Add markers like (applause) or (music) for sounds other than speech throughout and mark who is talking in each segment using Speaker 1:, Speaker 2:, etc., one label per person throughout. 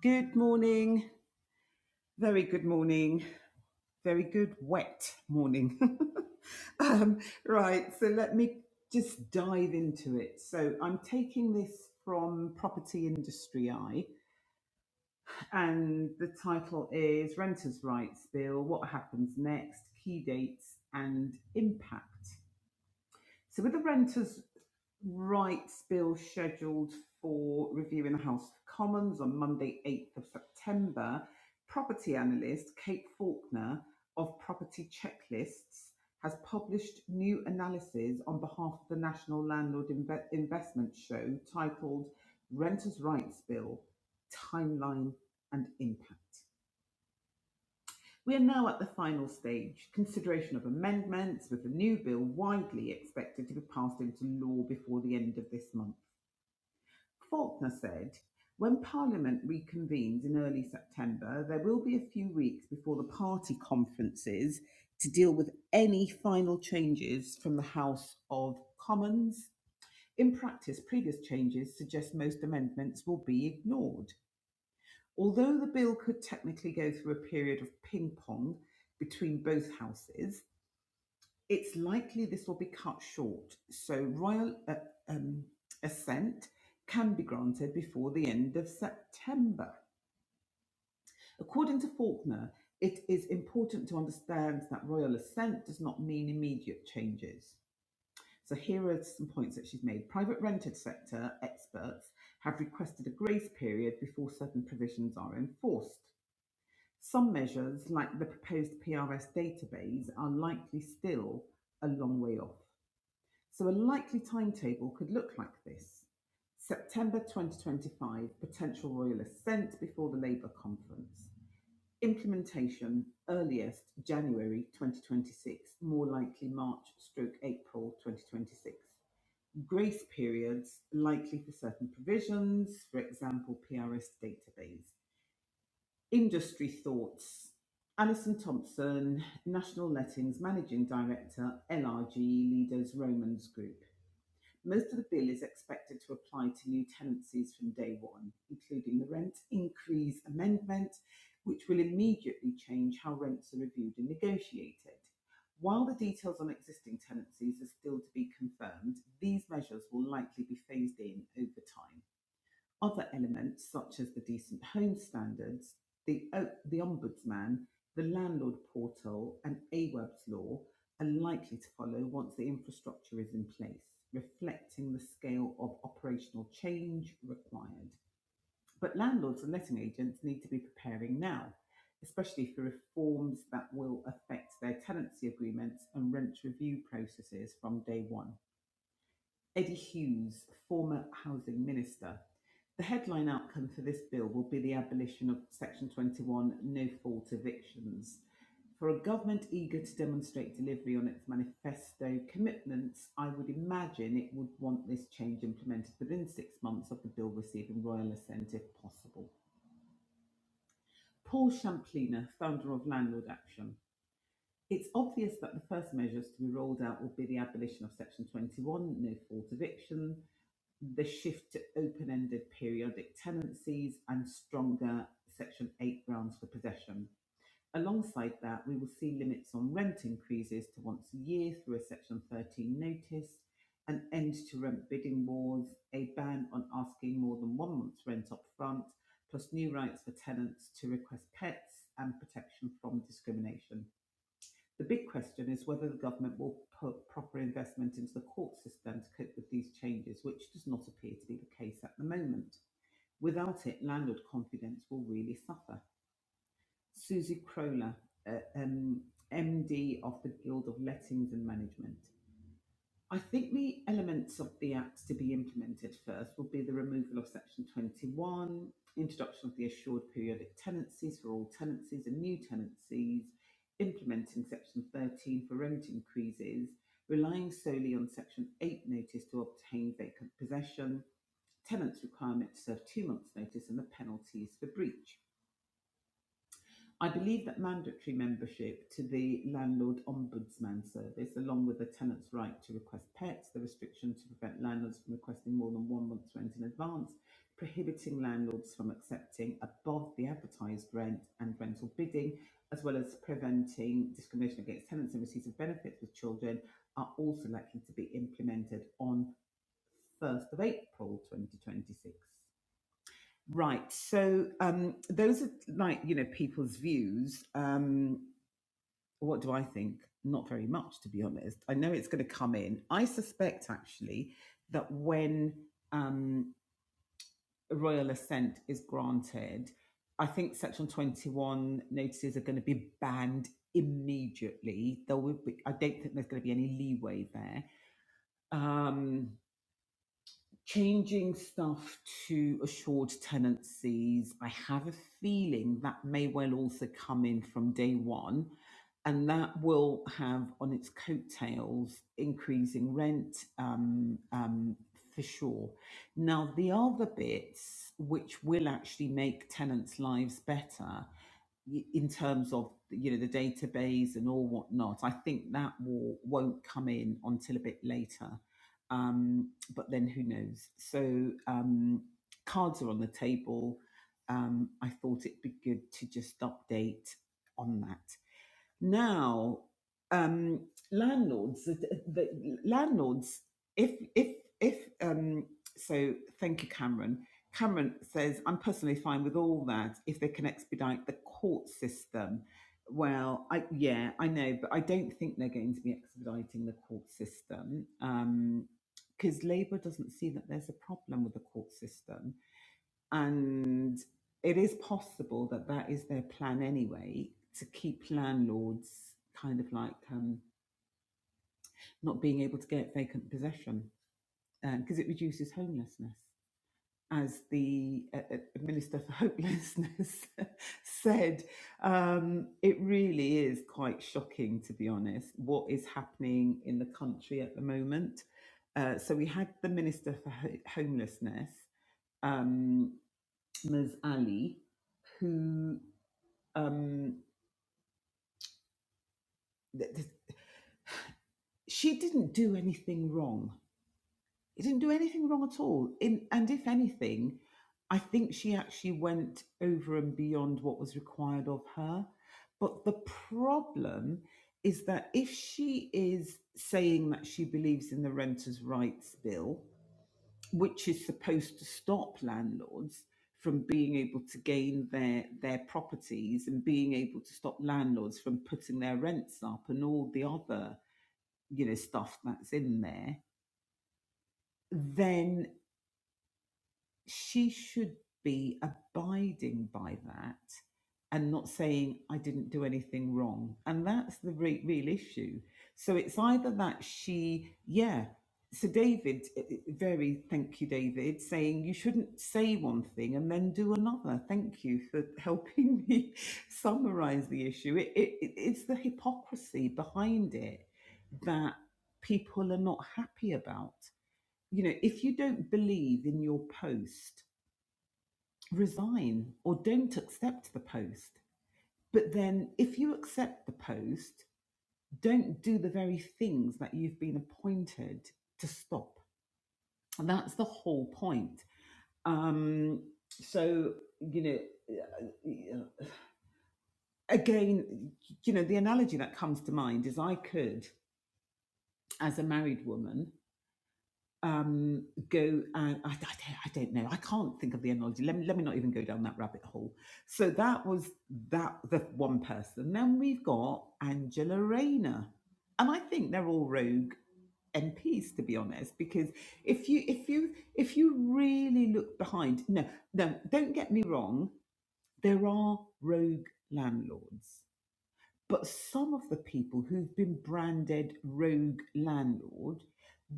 Speaker 1: Good morning. Very good morning. Very good wet morning. (laughs) um, right, so let me just dive into it. So I'm taking this from Property Industry Eye, and the title is Renters' Rights Bill What Happens Next, Key Dates and Impact. So with the renters' rights bill scheduled for review in the House of Commons on Monday, 8th of September, property analyst Kate Faulkner of Property Checklists has published new analysis on behalf of the National Landlord Inve- Investment Show titled Renters' Rights Bill, Timeline and Impact. We are now at the final stage, consideration of amendments, with the new bill widely expected to be passed into law before the end of this month. Faulkner said, when Parliament reconvenes in early September, there will be a few weeks before the party conferences to deal with any final changes from the House of Commons. In practice, previous changes suggest most amendments will be ignored. Although the bill could technically go through a period of ping pong between both houses, it's likely this will be cut short, so royal uh, um, assent can be granted before the end of September. According to Faulkner, it is important to understand that royal assent does not mean immediate changes. So here are some points that she's made. Private rented sector experts have requested a grace period before certain provisions are enforced. Some measures, like the proposed PRS database, are likely still a long way off. So, a likely timetable could look like this September 2025, potential royal assent before the Labour conference. Implementation earliest January 2026, more likely March stroke April 2026. Grace periods likely for certain provisions, for example, PRS database. Industry thoughts. Alison Thompson, National Lettings Managing Director, LRG Leaders Romans Group. Most of the bill is expected to apply to new tenancies from day one, including the rent increase amendment, which will immediately change how rents are reviewed and negotiated. While the details on existing tenancies are still to be confirmed, these measures will likely be phased in over time. Other elements, such as the Decent Home Standards, the, O- the Ombudsman, the Landlord Portal, and AWEB's law, are likely to follow once the infrastructure is in place, reflecting the scale of operational change required. But landlords and letting agents need to be preparing now, especially for reforms that will affect their tenancy agreements and rent review processes from day one. Eddie Hughes, former Housing Minister. The headline outcome for this bill will be the abolition of Section 21 no fault evictions. For a government eager to demonstrate delivery on its manifesto commitments, I would imagine it would want this change implemented within six months of the bill receiving royal assent if possible. Paul Champlina, founder of Landlord Action. It's obvious that the first measures to be rolled out will be the abolition of Section 21, no fault eviction, the shift to open-ended periodic tenancies and stronger Section 8 grounds for possession. Alongside that, we will see limits on rent increases to once a year through a Section 13 notice, an end to rent bidding wars, a ban on asking more than one month's rent up front, plus new rights for tenants to request pets and protection from discrimination. The big question is whether the government will put proper investment into the court system to cope with these changes, which does not appear to be the case at the moment. Without it, landlord confidence will really suffer. Susie Crowler, uh, um, MD of the Guild of Lettings and Management. I think the elements of the Act to be implemented first will be the removal of Section 21, introduction of the assured periodic tenancies for all tenancies and new tenancies, implementing Section 13 for rent increases, relying solely on Section 8 notice to obtain vacant possession, tenants' requirement to serve two months' notice, and the penalties for breach. I believe that mandatory membership to the Landlord Ombudsman Service, along with the tenant's right to request pets, the restriction to prevent landlords from requesting more than one month's rent in advance, prohibiting landlords from accepting above the advertised rent and rental bidding, as well as preventing discrimination against tenants in receipt of benefits with children, are also likely to be implemented on 1st of April 2026. Right. So um, those are like you know people's views. Um, what do I think? Not very much, to be honest. I know it's going to come in. I suspect actually that when um, royal assent is granted, I think Section Twenty One notices are going to be banned immediately. There will be. I don't think there's going to be any leeway there. Um, changing stuff to assured tenancies, I have a feeling that may well also come in from day one, and that will have on its coattails increasing rent um, um, for sure. Now, the other bits which will actually make tenants' lives better y- in terms of you know the database and all whatnot, I think that will won't come in until a bit later um, but then who knows? So um, cards are on the table. Um, I thought it'd be good to just update on that. Now, um, landlords, the, the landlords, if if if um, so, thank you, Cameron. Cameron says, I'm personally fine with all that if they can expedite the court system. Well, I, yeah, I know, but I don't think they're going to be expediting the court system because um, Labour doesn't see that there's a problem with the court system and it is possible that that is their plan anyway to keep landlords kind of like um, not being able to get vacant possession because um, it reduces homelessness. As the uh, uh, Minister for Hopelessness (laughs) said, um, it really is quite shocking, to be honest, what is happening in the country at the moment. Uh, so we had the Minister for Ho- Homelessness, um, Ms. Ali, who Um, th- th- she didn't do anything wrong. She didn't do anything wrong at all. In, and if anything, I think she actually went over and beyond what was required of her. But the problem is that if she is saying that she believes in the Renters' Rights Bill, which is supposed to stop landlords from being able to gain their their properties and being able to stop landlords from putting their rents up and all the other you know, stuff that's in there, then she should be abiding by that and not saying, I didn't do anything wrong. And that's the re- real issue. So it's either that she, yeah. So David, eh, eh, very thank you, David, saying you shouldn't say one thing and then do another. Thank you for helping me (laughs) summarize the issue. It, it, it- it's the hypocrisy behind it that people are not happy about. You know, if you don't believe in your post, resign or don't accept the post. But then if you accept the post, don't do the very things that you've been appointed to stop. And that's the whole point. Um, so, you know, uh, again, you know, the analogy that comes to mind is I could, as a married woman, um, go and I, I, don't, I don't know. I can't think of the analogy. Let me, let me not even go down that rabbit hole. So that was that the one person. Then we've got Angela Rayner, and I think they're all rogue MPs to be honest. Because if you if you if you really look behind, no no, don't get me wrong. There are rogue landlords. But some of the people who've been branded rogue landlord,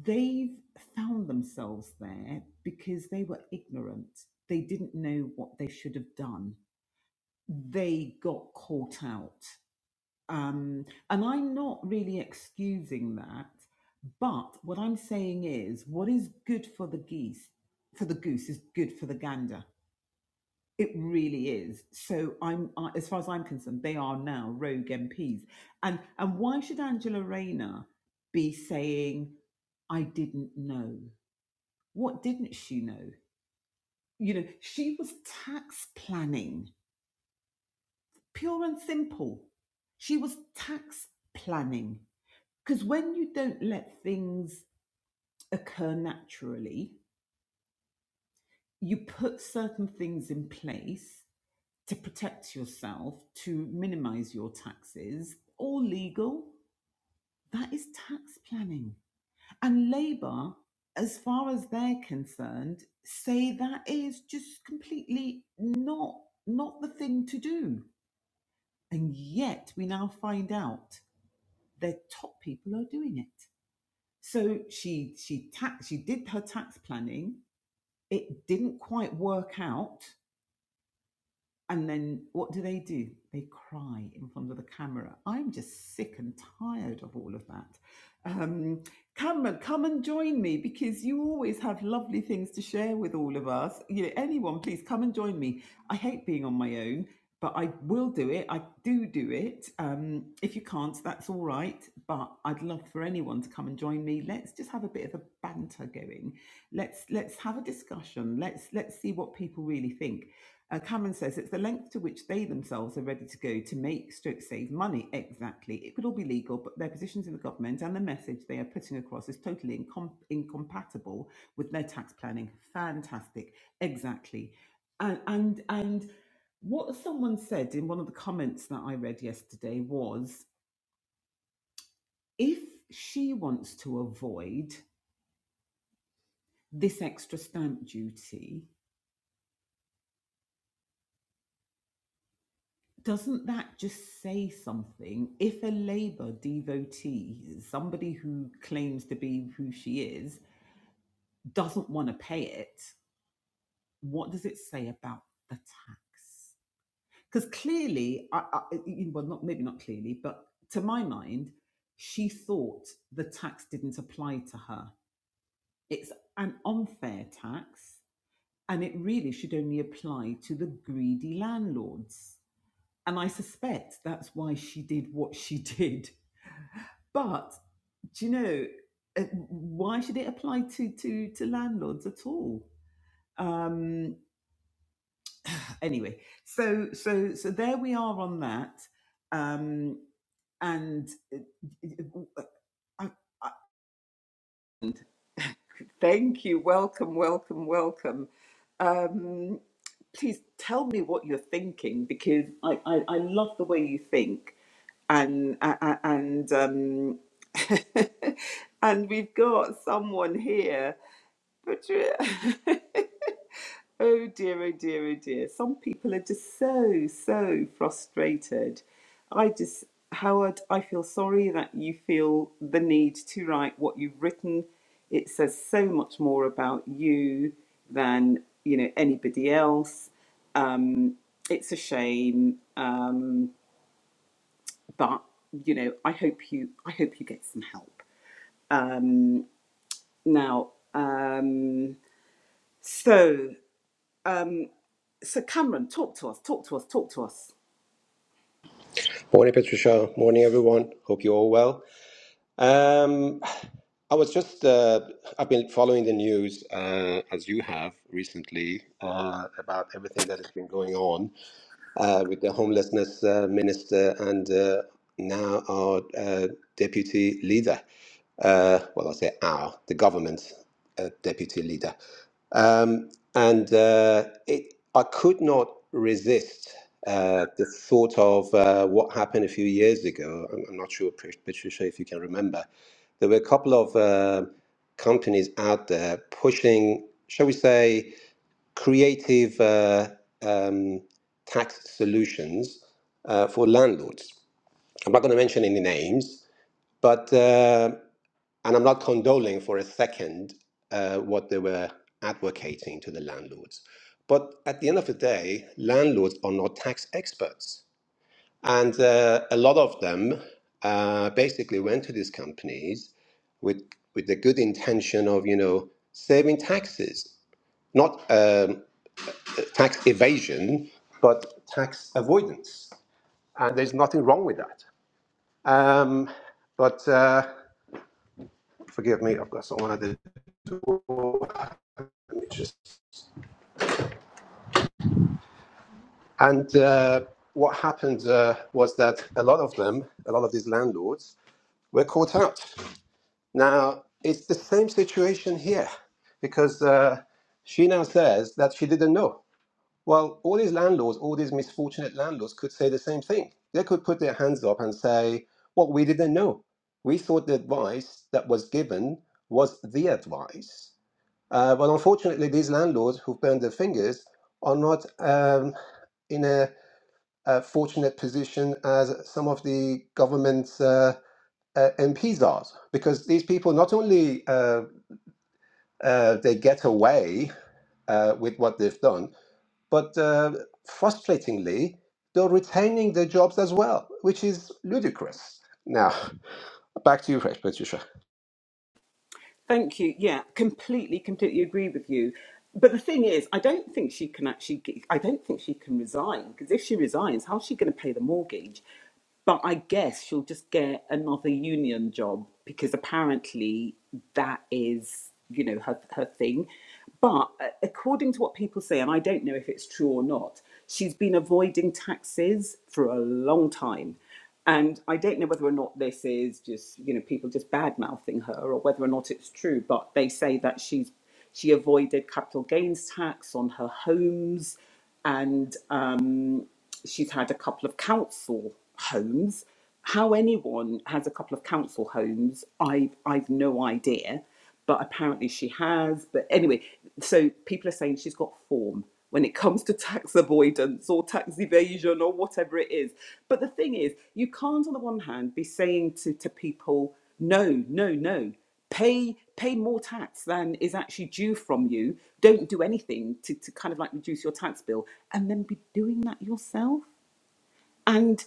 Speaker 1: they've found themselves there because they were ignorant. They didn't know what they should have done. They got caught out. Um, and I'm not really excusing that, but what I'm saying is what is good for the geese, for the goose, is good for the gander it really is. So I'm, I, as far as I'm concerned, they are now rogue MPs. And and why should Angela Rayner be saying, "I didn't know"? What didn't she know? You know, she was tax planning, pure and simple. She was tax planning because when you don't let things occur naturally, you put certain things in place to protect yourself, to minimize your taxes, all legal. That is tax planning. And Labour, as far as they're concerned, say that is just completely not not the thing to do. And yet we now find out their top people are doing it. So she she tax she did her tax planning. It didn't quite work out And then what do they do? They cry in front of the camera. I'm just sick and tired of all of that. Um, Cameron, come and join me because you always have lovely things to share with all of us. You know, anyone, please come and join me. I hate being on my own, but I will do it. I do do it. Um, if you can't, that's all right. But I'd love for anyone to come and join me. Let's just have a bit of a banter going. Let's let's have a discussion. Let's let's see what people really think uh, Cameron says it's the length to which they themselves are ready to go to make stroke save money. Exactly. It could all be legal, but their positions in the government and the message they are putting across is totally incom- incompatible with their tax planning. Fantastic. Exactly. And, and, and what someone said in one of the comments that I read yesterday was if she wants to avoid this extra stamp duty, doesn't that just say something? If a Labour devotee, somebody who claims to be who she is, doesn't want to pay it, what does it say about the tax? Because clearly, I, I, well, not maybe not clearly, but to my mind, she thought the tax didn't apply to her. It's an unfair tax, and it really should only apply to the greedy landlords And I suspect that's why she did what she (laughs) did. But do you know uh, why should it apply to to to landlords at all? Um, anyway, so so so there we are on that. Um, and uh, uh, uh, I, I, thank you, welcome, welcome, welcome. Um, please tell me what you're thinking because I, I, I love the way you think and a- a- and um (laughs) and we've got someone here Patri- (laughs) Oh dear, oh dear, oh dear. Some people are just so, so frustrated. I just, Howard, I feel sorry that you feel the need to write what you've written. It says so much more about you than, you know, anybody else. Um, it's a shame, um, but you know, I hope you, I hope you get some help. Um, now, um, so. um, So, Cameron, talk to us, talk to us, talk to us.
Speaker 2: Morning, Patricia. Morning, everyone. Hope you're all well. Um, I was just, uh, I've been following the news, uh, as you have recently, uh, about everything that has been going on uh, with the homelessness uh, minister and uh, now our uh, deputy leader. Uh, well, I say our, the government uh, deputy leader. Um, and uh, it, I could not resist uh, the thought of uh, what happened a few years ago. I'm, I'm not sure, Pat- Patricia, if you can remember. There were a couple of uh, companies out there pushing, shall we say, creative uh, um, tax solutions uh, for landlords. I'm not going to mention any names, but uh, and I'm not condoling for a second uh, what they were advocating to the landlords. But at the end of the day, landlords are not tax experts, and uh, a lot of them uh, basically went to these companies with with the good intention of you know saving taxes, not um, tax evasion, but tax avoidance. And there's nothing wrong with that. Um, but uh, forgive me, I've got someone at the door. Let me just- And uh, what happened uh, was that a lot of them, a lot of these landlords, were caught out. Now, it's the same situation here because uh, she now says that she didn't know. Well, all these landlords, all these misfortunate landlords could say the same thing. They could put their hands up and say, Well, we didn't know. We thought the advice that was given was the advice. Uh, but unfortunately, these landlords who've burned their fingers are not um, in a, a fortunate position as some of the government's uh, uh, MPs are, because these people not only uh, uh, they get away uh, with what they've done, but uh, frustratingly, they're retaining their jobs as well, which is ludicrous. Now, back to you, Patricia.
Speaker 1: Thank you. Yeah, completely, completely agree with you. But the thing is, I don't think she can actually. Get, I don't think she can resign because if she resigns, how's she going to pay the mortgage? But I guess she'll just get another union job because apparently that is, you know, her her thing. But uh, according to what people say, and I don't know if it's true or not, she's been avoiding taxes for a long time. And I don't know whether or not this is just, you know, people just bad mouthing her or whether or not it's true, but they say that she's she avoided capital gains tax on her homes and um, she's had a couple of council homes. How anyone has a couple of council homes, I've, I've no idea but apparently she has. But anyway, so people are saying she's got form when it comes to tax avoidance or tax evasion or whatever it is. But the thing is, you can't, on the one hand, be saying to, to people, no, no, no, pay pay more tax than is actually due from you. Don't do anything to, to kind of like reduce your tax bill and then be doing that yourself. and.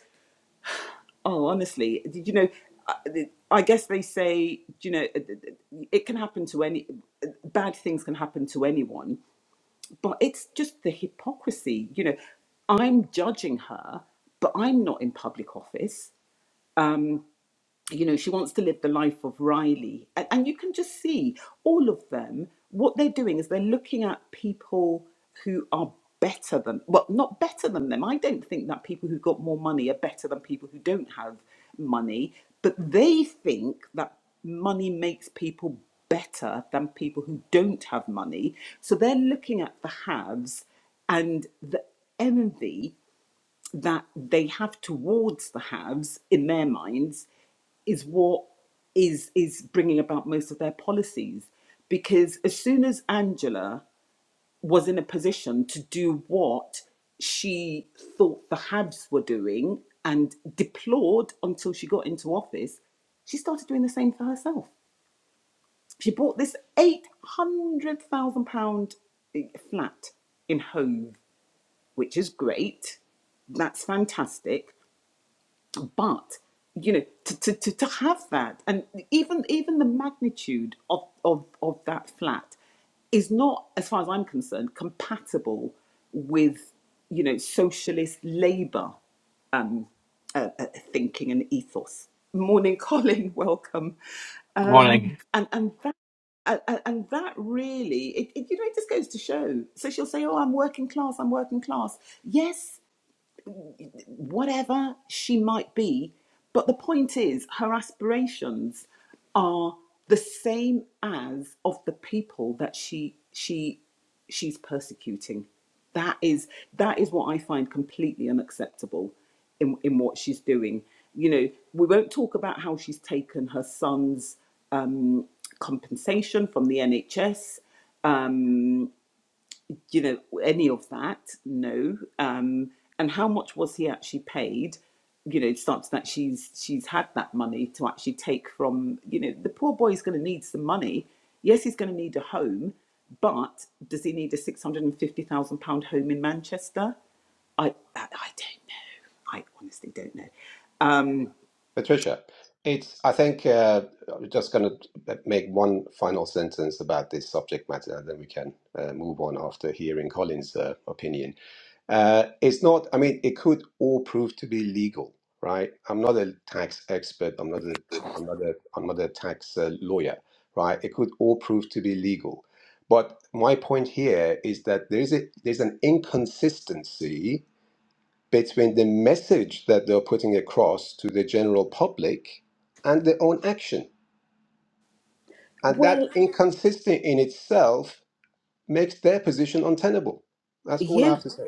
Speaker 1: Oh, honestly, did you know? I I guess they say, you know, it can happen to any, uh, bad things can happen to anyone, but it's just the hypocrisy. You know, I'm judging her, but I'm not in public office. Um, you know she wants to live the life of riley and, and you can just see all of them what they're doing is they're looking at people who are better than well not better than them i don't think that people who've got more money are better than people who don't have money but they think that money makes people better than people who don't have money so they're looking at the haves and the envy that they have towards the haves in their minds is what is is bringing about most of their policies because as soon as angela was in a position to do what she thought the habs were doing and deplored until she got into office she started doing the same for herself she bought this 800,000 pound eh, flat in hove which is great that's fantastic but you know to, to, to, to have that and even even the magnitude of, of of that flat is not as far as i'm concerned compatible with you know socialist labor uh, uh, thinking and ethos morning colin (laughs) welcome um
Speaker 3: Morning.
Speaker 1: and and that and, and that really, it, it, you know, it just goes to show. So she'll say, "Oh, I'm working class. I'm working class." Yes, whatever she might be. But the point is, her aspirations are the same as of the people that she she she's persecuting. That is that is what I find completely unacceptable in, in what she's doing. You know, we won't talk about how she's taken her son's um, compensation from the NHS you know, any of that? No. Um, and how much was he actually paid? You know, it starts that she's she's had that money to actually take from. You know, the poor boy is going to need some money. Yes, he's going to need a home, but does he need a six hundred and fifty thousand pound home in Manchester? I, I I don't know. I honestly don't know. Um,
Speaker 2: Patricia, it's. I think uh, I'm just going to make one final sentence about this subject matter, and then we can uh, move on after hearing Colin's uh, opinion. Uh, it's not, I mean, it could all prove to be legal, right? I'm not a tax expert. I'm not a, I'm not a, I'm not a tax uh, lawyer, right? It could all prove to be legal. But my point here is that there's a, there's an inconsistency between the message that they're putting across to the general public and their own action. And that
Speaker 1: Well,
Speaker 2: inconsistency in itself makes their position untenable. That's all I
Speaker 1: yeah.
Speaker 2: have to say.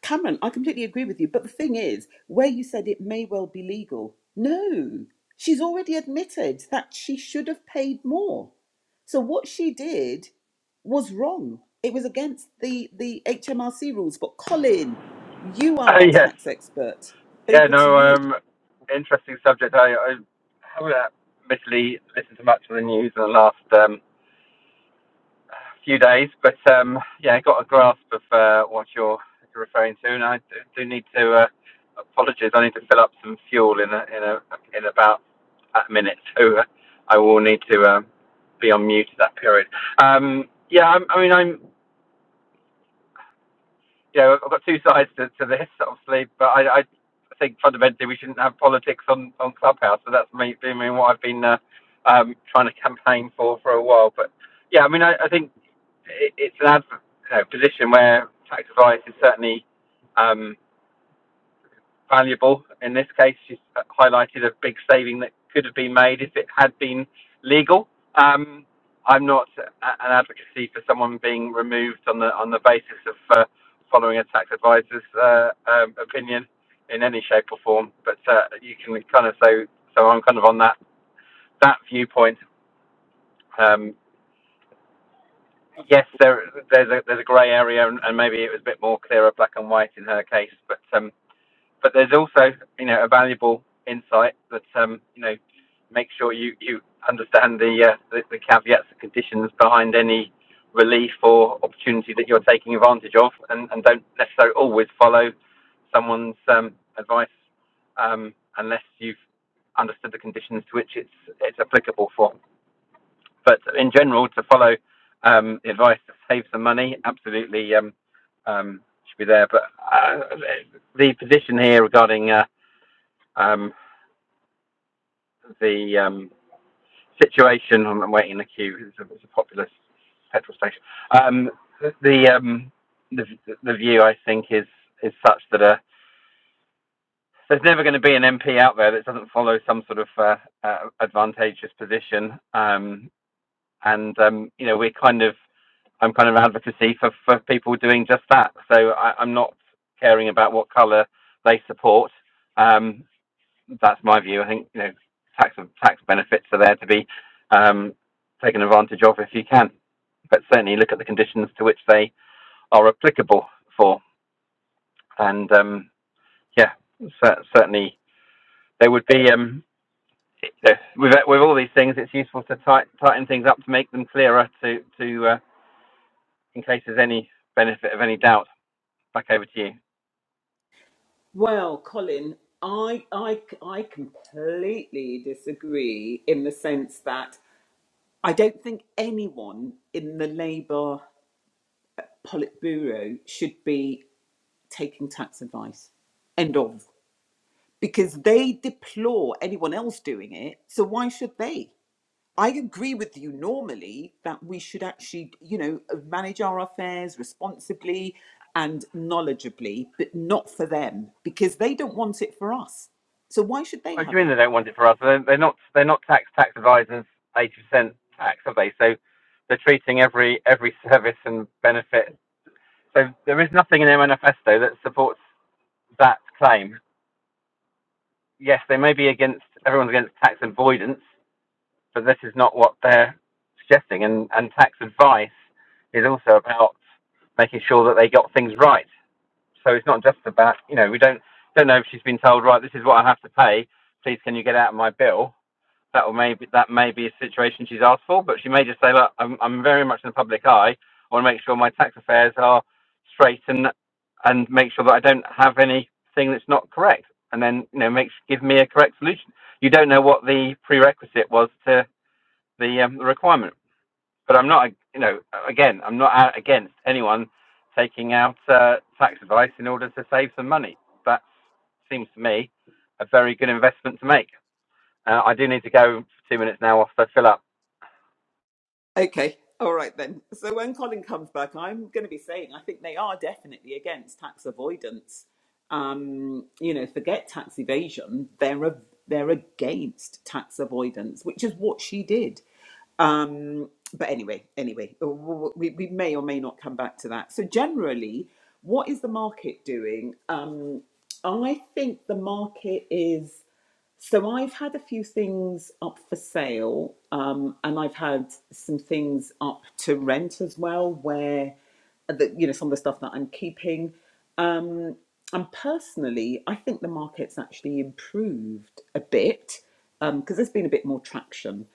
Speaker 1: Cameron, I completely agree with you. But the thing is, where you said it may well be legal, no, she's already admitted that she should have paid more. So what she did was wrong. It was against the, the HMRC rules. But Colin, you
Speaker 3: Uh,
Speaker 1: are our
Speaker 3: yes.
Speaker 1: tax expert.
Speaker 3: Yeah,
Speaker 1: Over to
Speaker 3: no,
Speaker 1: you.
Speaker 3: um, interesting subject. I, I haven't uh, admittedly listened to much of the news in the last um, few days, but um, yeah, I got a grasp of uh, what you're, you're referring to, and I do, do need to, uh, apologies, I need to fill up some fuel in, a, in, a, in about a minute, (laughs) so uh, I will need to um, be on mute at that period. Um, yeah, I, I mean, I'm you know, I've got two sides to, to this, obviously, but I, I think fundamentally we shouldn't have politics on, on Clubhouse. So that's me, I mean, what I've been uh, um, trying to campaign for for a while. But yeah, I mean, I, I think it, it's an adv- you know, position where tax advice is certainly. Um, valuable. In this case, she's highlighted a big saving that could have been made if it had been legal. Um, I'm not an advocacy for someone being removed on the on the basis of uh, following a tax advisor's uh, um, opinion in any shape or form, but uh, you can kind of so so I'm kind of on that that viewpoint. Um, yes, there there's a there's a grey area, and, and maybe it was a bit more clearer, black and white in her case, but. Um, but there's also you know a valuable insight that um, you know make sure you you understand the, uh, the the caveats and conditions behind any relief or opportunity that you're taking advantage of, and, and don't necessarily always follow someone's um, advice um, unless you've understood the conditions to which it's it's applicable for. But in general, to follow um, advice to save some money, absolutely um, um, should be there. But uh, the position here regarding uh, um, the um, situation, I'm waiting in the queue. It's a, it's a populous petrol station. Um, the, um, the the view I think is is such that uh, there's never going to be an MP out there that doesn't follow some sort of uh, uh, advantageous position. Um, and um, you know we're kind of I'm kind of advocacy for, for people doing just that. So I, I'm not caring about what colour they support. Um, that's my view. I think you know tax tax benefits are there to be um, taken advantage of if you can, but certainly look at the conditions to which they are applicable for. And um, yeah, cer- certainly there would be um, with with all these things, it's useful to tight, tighten things up to make them clearer to to uh, in case there's any benefit of any doubt, back over to you.
Speaker 1: Well, Colin, I, I, I completely disagree in the sense that I don't think anyone in the Labour Politburo should be taking tax advice. End of. Because they deplore anyone else doing it. So why should they? I agree with you normally that we should actually, you know, manage our affairs responsibly and knowledgeably, but not for them because they don't want it for us. So why should they
Speaker 3: What do you
Speaker 1: have
Speaker 3: mean
Speaker 1: it?
Speaker 3: they don't want it for us? They're, they're not they're not tax tax advisors eighty percent tax, are they? So they're treating every every service and benefit. So there is nothing in their manifesto that supports that claim. Yes, they may be against everyone's against tax avoidance, but this is not what they're suggesting. And and tax advice is also about making sure that they got things right. So it's not just about you know we don't don't know if she's been told right this is what I have to pay. Please can you get out of my bill? That will maybe that may be a situation she's asked for, but she may just say look I'm I'm very much in the public eye. I want to make sure my tax affairs are straight and and make sure that I don't have anything that's not correct. And then you know make give me a correct solution. You don't know what the prerequisite was to the um, the requirement. But I'm not, you know, again, I'm not out against anyone taking out uh, tax advice in order to save some money. That seems to me a very good investment to make. Uh, I do need to go for two minutes now off to fill up.
Speaker 1: Okay, all right then. So when Colin comes back, I'm going to be saying I think they are definitely against tax avoidance. Um, you know, forget tax evasion; they're a, they're against tax avoidance, which is what she did. Um, but anyway, anyway, uh, w- w- we, we may or may not come back to that. So generally, what is the market doing? Um, I think the market is. So I've had a few things up for sale, um, and I've had some things up to rent as well, where the, you know some of the stuff that I'm keeping. Um, and personally, I think the market's actually improved a bit um, because there's been a bit more traction.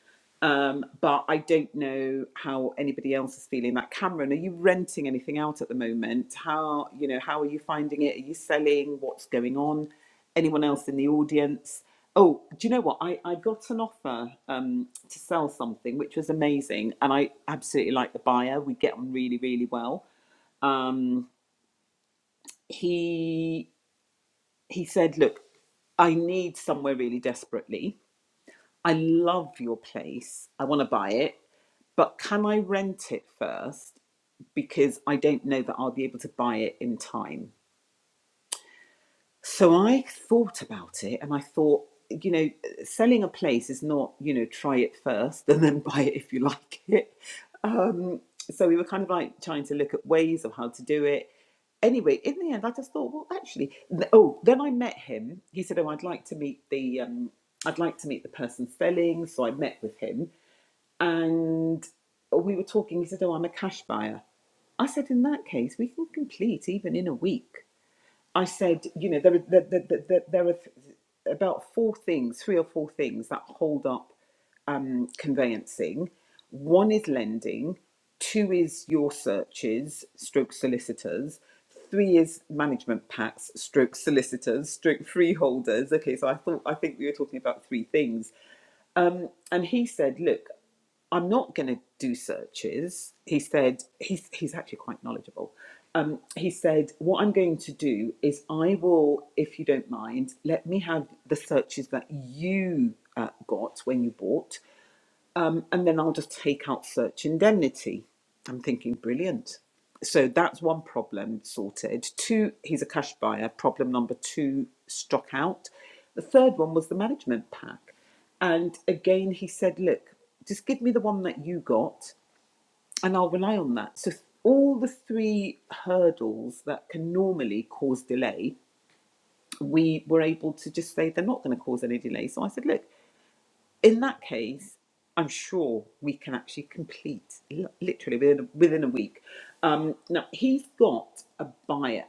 Speaker 1: Um, but I don't know how anybody else is feeling that. Cameron, are you renting anything out at the moment? How you know how are you finding it? Are you selling? What's going on? Anyone else in the audience? Oh, do you know what? I, I got an offer um, to sell something, which was amazing, and I absolutely like the buyer. We get on really, really well. Um, he he said, Look, I need somewhere really desperately. I love your place. I want to buy it, but can I rent it first? Because I don't know that I'll be able to buy it in time. So I thought about it and I thought, you know, selling a place is not, you know, try it first (laughs) and then buy it if you like it. Um, so we were kind of like trying to look at ways of how to do it. Anyway, in the end, I just thought, well, actually, th- oh, then I met him. He said, oh, I'd like to meet the, um, I'd like to meet the person selling. So I met with him and we were talking. He said, oh, I'm a cash buyer. I said, in that case, we can complete even in a week. I said, you know, there are, there, there, there, there are th- about four things, three or four things that hold up um, conveyancing. One is lending, two is your searches, stroke solicitors, three is management packs, stroke solicitors, stroke freeholders. Okay, so I thought I think we were talking about three things. And he said, look, I'm not going to do searches. He said, he's, he's actually quite knowledgeable. Um, he said, What I'm going to do is I will, if you don't mind, let me have the searches that you uh, got when you bought and then I'll just take out search indemnity. I'm thinking, brilliant. So that's one problem sorted. Two, he's a cash buyer. Problem number two, struck out. The third one was the management pack. And again, he said, look, just give me the one that you got and I'll rely on that. So, all the three hurdles that can normally cause delay, we were able to just say they're not going to cause any delay. So I said, look, in that case, I'm sure we can actually complete li- literally within a, within a week. Um, now he's got a buyer.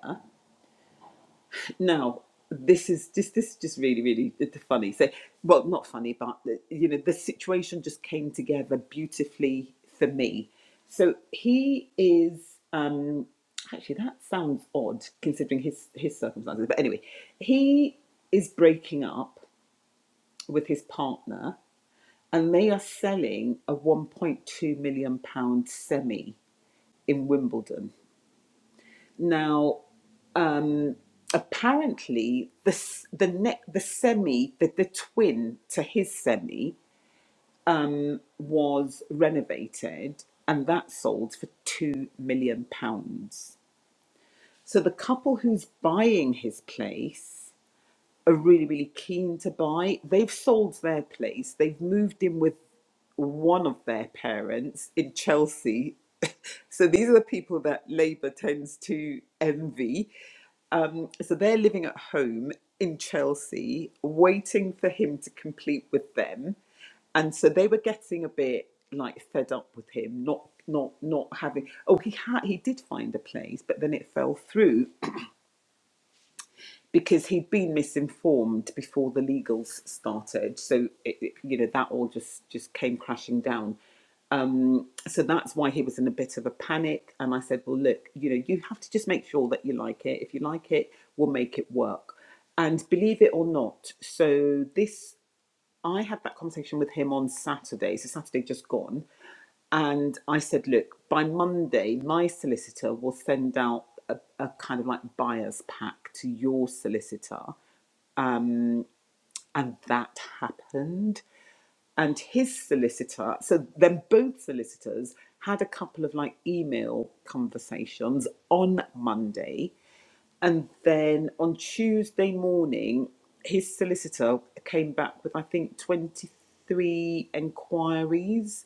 Speaker 1: Now this is just this is just really really funny. So well, not funny, but uh, you know the situation just came together beautifully for me. So he is um, actually that sounds odd considering his his circumstances. But anyway, he is breaking up with his partner and they are selling a 1.2 million pound semi in Wimbledon. Now, apparently, the the ne- the semi, the, the twin to his semi, was renovated, and that sold for two million pounds. So the couple who's buying his place are really, really keen to buy. They've sold their place. They've moved in with one of their parents in Chelsea. (laughs) So these are the people that Labour tends to envy. Um, so they're living at home in Chelsea, waiting for him to complete with them. And so they were getting a bit like fed up with him, not not not having. Oh, he had he did find a place, but then it fell through because he'd been misinformed before the legals started. So it, it- you know that all just just came crashing down. Um, so that's why he was in a bit of a panic. And I said, well, look, you know, you have to just make sure that you like it. If you like it, we'll make it work. And believe it or not, so this I had that conversation with him on Saturday, so Saturday just gone. And I said, look, by Monday, my solicitor will send out a, a kind of like buyer's pack to your solicitor. And that happened. And his solicitor, so then both solicitors had a couple of like email conversations on Monday. And then on Tuesday morning, his solicitor came back with, I think, 23 enquiries.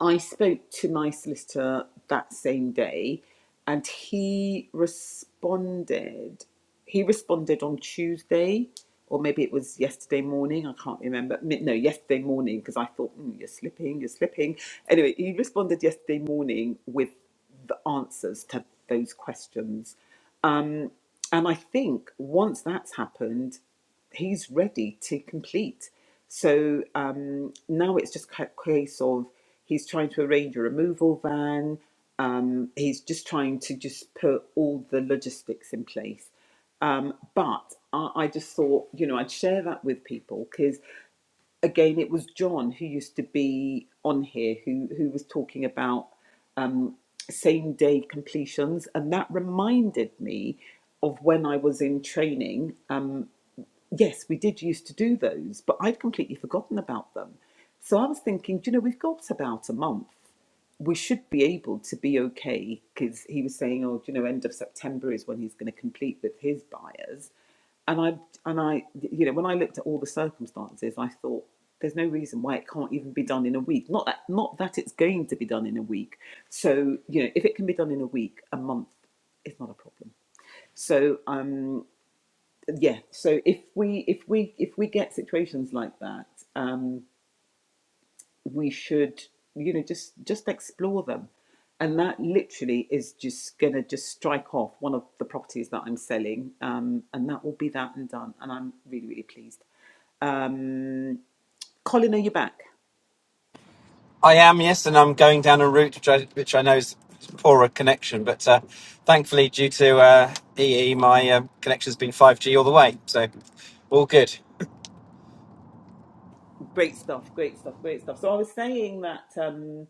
Speaker 1: I spoke to my solicitor that same day and he responded. He responded on Tuesday, or maybe it was yesterday morning. I can't remember. No, yesterday morning, because I thought, mm, you're slipping, you're slipping. Anyway, he responded yesterday morning with the answers to those questions. And I think once that's happened, he's ready to complete. So um, now it's just a case of he's trying to arrange a removal van. Um, he's just trying to just put all the logistics in place. Um, but I, I just thought, you know, I'd share that with people because, again, it was John who used to be on here who who was talking about same day completions, and that reminded me of when I was in training. um, yes, we did used to do those, but I'd completely forgotten about them. So I was thinking, do you know, we've got about a month. We should be able to be okay because he was saying, oh, do you know, end of September is when he's going to complete with his buyers. And I, and I, you know, when I looked at all the circumstances, I thought there's no reason why it can't even be done in a week. Not that, not that it's going to be done in a week. So you know, if it can be done in a week, a month is not a problem. So um, yeah so if we if we if we get situations like that um we should you know just just explore them and that literally is just gonna just strike off one of the properties that i'm selling um and that will be that and done and i'm really really pleased um colin are you back
Speaker 3: I am, yes, and I'm going down a route which I, which I know is poorer connection, but uh, thankfully, due to uh, EE, my um connection's been 5G all the way, so all good.
Speaker 1: great stuff great stuff great stuff so i was saying that um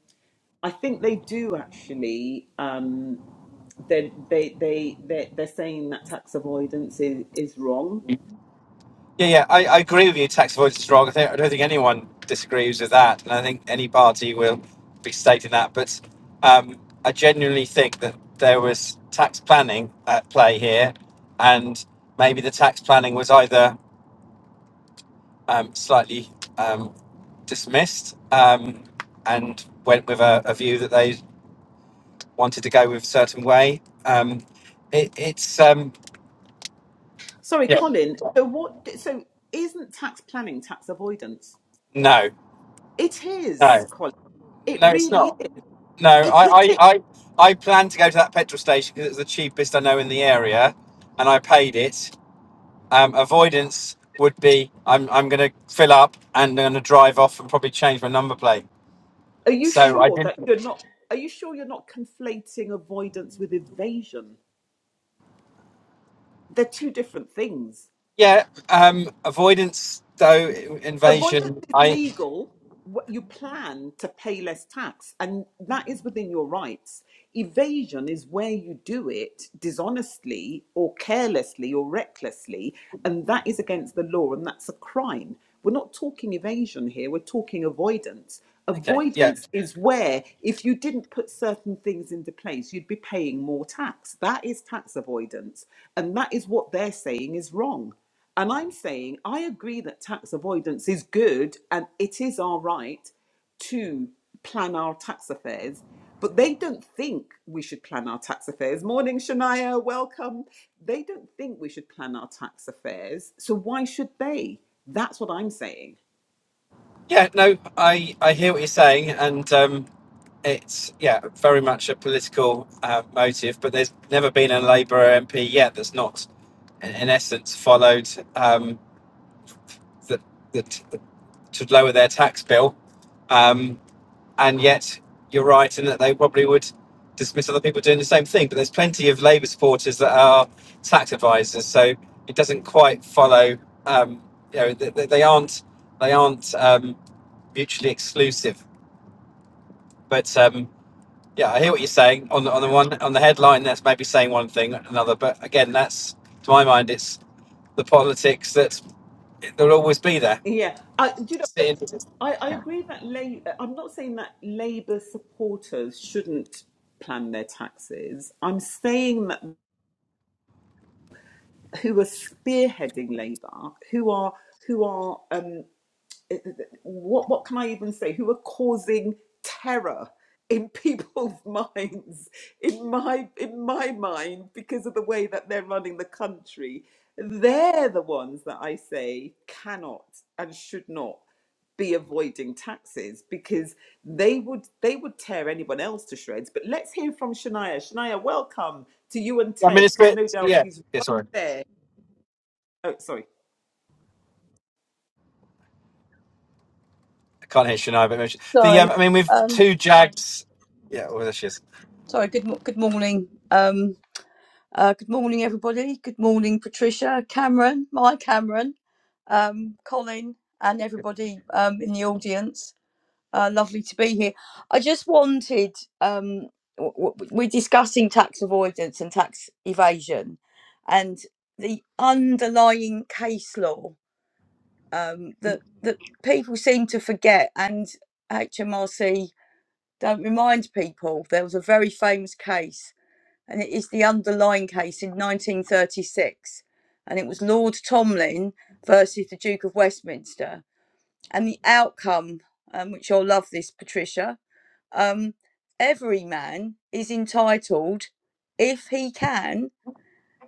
Speaker 1: i think they do actually um they they they they they're saying that tax avoidance is, is wrong
Speaker 3: Yeah, yeah, I, I agree with you. Tax avoidance is strong. I, think, I don't think anyone disagrees with that, and I think any party will be stating that. But um, I genuinely think that there was tax planning at play here, and maybe the tax planning was either um, slightly um, dismissed um, and went with a, a view that they wanted to go with a certain way. Um, it, it's um,
Speaker 1: Sorry, Colin. So what? So isn't tax planning tax avoidance?
Speaker 3: no,
Speaker 1: It is, Colin. It
Speaker 3: no, it's
Speaker 1: really
Speaker 3: not.
Speaker 1: is.
Speaker 3: No,
Speaker 1: It,
Speaker 3: I,
Speaker 1: yes,
Speaker 3: I,
Speaker 1: it,
Speaker 3: I, I planned to go to that petrol station because it's the cheapest I know in the area, and I paid it. Um, avoidance would be I'm, I'm going to fill up and I'm going to drive off and probably change my number plate.
Speaker 1: are you
Speaker 3: So I
Speaker 1: sure
Speaker 3: didn't.
Speaker 1: that you're not? Are you sure you're not conflating avoidance with evasion? They're two different things.
Speaker 3: Yeah. Um, avoidance though
Speaker 1: Avoidance
Speaker 3: invasion.
Speaker 1: is
Speaker 3: I
Speaker 1: legal. What you plan to pay less tax, and that is within your rights. Evasion is where you do it dishonestly or carelessly or recklessly, and that is against the law, and that's a crime. We're not talking evasion here, we're talking avoidance.
Speaker 3: okay. Yeah.
Speaker 1: Avoidance is where, if you didn't put certain things into place, you'd be paying more tax. That is tax avoidance, and that is what they're saying is wrong. And I'm saying I agree that tax avoidance is good and it is our right to plan our tax affairs, but they don't think we should plan our tax affairs. Morning, Shania, welcome. They don't think we should plan our tax affairs, so why should they? That's what I'm saying.
Speaker 3: Yeah, no, I, I hear what you're saying, and um, it's yeah very much a political uh, motive. But there's never been a Labour MP yet that's not, in, in essence, followed um, that that to lower their tax bill, um, and yet you're right in that they probably would dismiss other people doing the same thing. But there's plenty of Labour supporters that are tax advisors, so it doesn't quite follow. Um, you know, they, they aren't they aren't um, mutually exclusive But um, yeah, I hear what you're saying on the, on the one on the headline. That's maybe saying one thing or another. But again, that's to my mind, it's the politics that they'll always be there.
Speaker 1: Yeah, I, do you know,
Speaker 3: Sitting-
Speaker 1: it, I, I agree that La- I'm not saying that Labour supporters shouldn't plan their taxes. I'm saying that who are spearheading Labour, who are who are um, eh, eh, eh, what what can I even say? Who are causing terror in (laughs) people's minds, in my in my mind, because of the way that they're running the country. They're the ones that I say cannot and should not be avoiding taxes because they would they would tear anyone else to shreds. But let's hear from Shania. Shania, welcome to you and
Speaker 3: I mean,
Speaker 1: Ted,
Speaker 3: it's a
Speaker 1: because no
Speaker 3: bit
Speaker 1: doubt
Speaker 3: yeah.
Speaker 1: he's
Speaker 3: Yeah,
Speaker 1: right
Speaker 3: sorry,
Speaker 1: there Oh, sorry.
Speaker 3: I can't hear Shania. But the um,
Speaker 4: Sorry.
Speaker 3: I mean, with
Speaker 4: Um,
Speaker 3: two Jags. Yeah, well, there she is.
Speaker 4: sorry. Good mo- good morning. Um, uh, good morning, everybody. Good morning, Patricia, Cameron, my Cameron, um, Colin, and everybody um, in the audience. Uh, lovely to be here. I just wanted. Um, w- w- we're discussing tax avoidance and tax evasion, and the underlying case law um, that that people seem to forget, and HMRC. don't remind people there was a very famous case, and it is the underlying case in 1936, and it was Lord Tomlin versus the Duke of Westminster, and the outcome, um, which you'll love this, Patricia. Um, every man is entitled, if he can,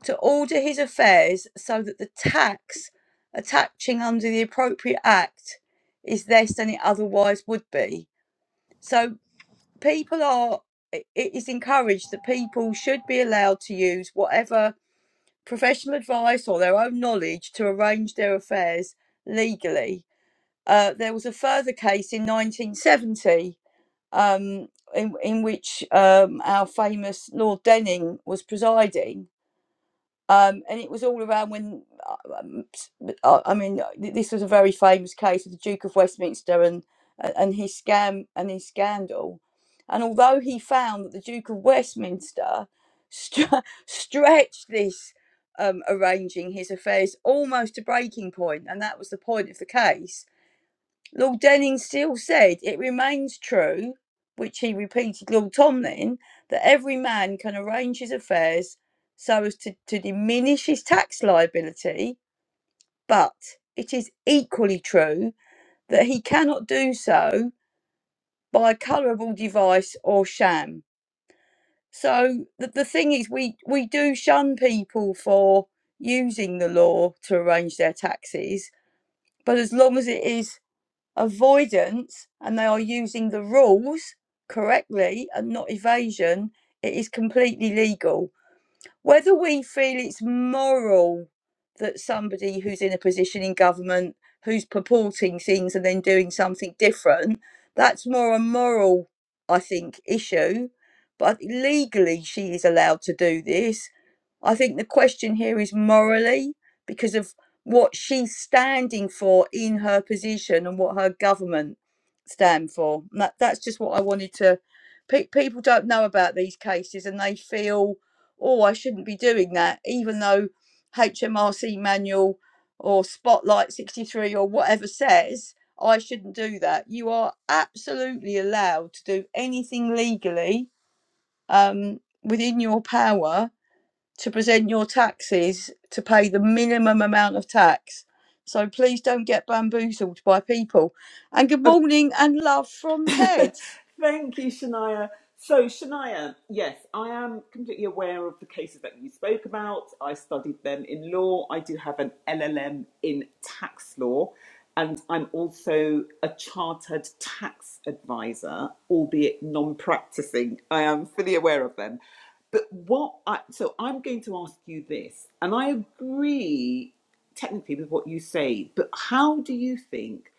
Speaker 4: to order his affairs so that the tax attaching under the appropriate act is less than it otherwise would be. So people are it is encouraged that people should be allowed to use whatever professional advice or their own knowledge to arrange their affairs legally. Uh, there was a further case in 1970 um, in, in which um, our famous Lord Denning was presiding, um, and it was all around when uh, um, s- uh, I mean uh, this was a very famous case of the Duke of Westminster and uh, and his scam and his scandal, and although he found that the Duke of Westminster stre- (laughs) stretched this um, arranging his affairs almost to breaking point, and that was the point of the case Lord Denning still said, It remains true, which he repeated Lord Tomlin, that every man can arrange his affairs so as to, to diminish his tax liability, but it is equally true that he cannot do so by a colourable device or sham. So the, the thing is, we, we do shun people for using the law to arrange their taxes, but as long as it is avoidance and they are using the rules correctly and not evasion, it is completely legal whether we feel it's moral that somebody who's in a position in government who's purporting things and then doing something different that's more a moral i think issue but legally she is allowed to do this i think the question here is morally because of what she's standing for in her position and what her government stand for And that, that's just what i wanted to pe- people don't know about these cases and they feel oh, I shouldn't be doing that, even though HMRC manual or Spotlight 63 or whatever says I shouldn't do that. You are absolutely allowed to do anything legally um, within your power to present your taxes to pay the minimum amount of tax. So please don't get bamboozled by people. And good morning and love
Speaker 1: (laughs)
Speaker 4: from Ted.
Speaker 1: Thank you, Shania. So, Shania, yes, I am completely aware of the cases that you spoke about. I studied them in law. I do have an LLM in tax law, and I'm also a chartered tax advisor, albeit non practicing. I am fully aware of them. But what I, so I'm going to ask you this, and I agree technically with what you say, but how do you think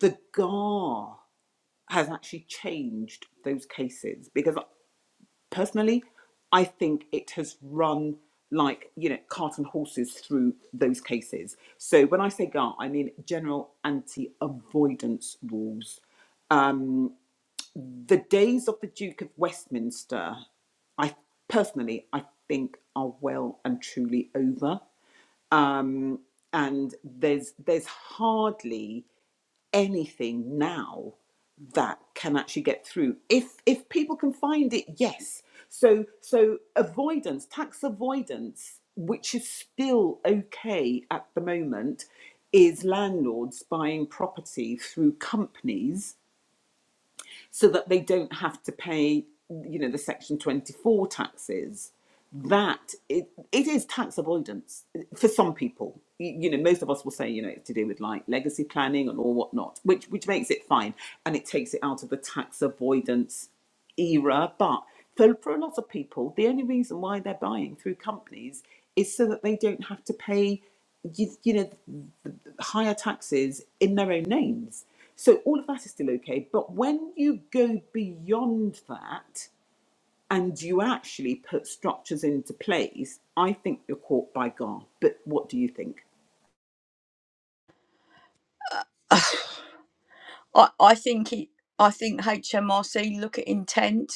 Speaker 1: the GAR? has actually changed those cases because personally i think it has run like you know cart and horses through those cases so when i say gar i mean general anti avoidance rules the days of the duke of westminster i personally i think are well and truly over and there's there's hardly anything now that can actually get through if if people can find it yes so so avoidance tax avoidance which is still okay at the moment is landlords buying property through companies so that they don't have to pay, you know, the Section 24 taxes. That it, it is tax avoidance for some people. You know, most of us will say, you know, it's to do with like legacy planning and all whatnot, which which makes it fine and it takes it out of the tax avoidance era, but for, for a lot of people, the only reason why they're buying through companies is so that they don't have to pay, you, you know, th- th- higher taxes in their own names. So all of that is still okay. But when you go beyond that and you actually put structures into place, I think you're caught by God. But what do you think?
Speaker 4: (sighs) I, I think it, I think HMRC look at intent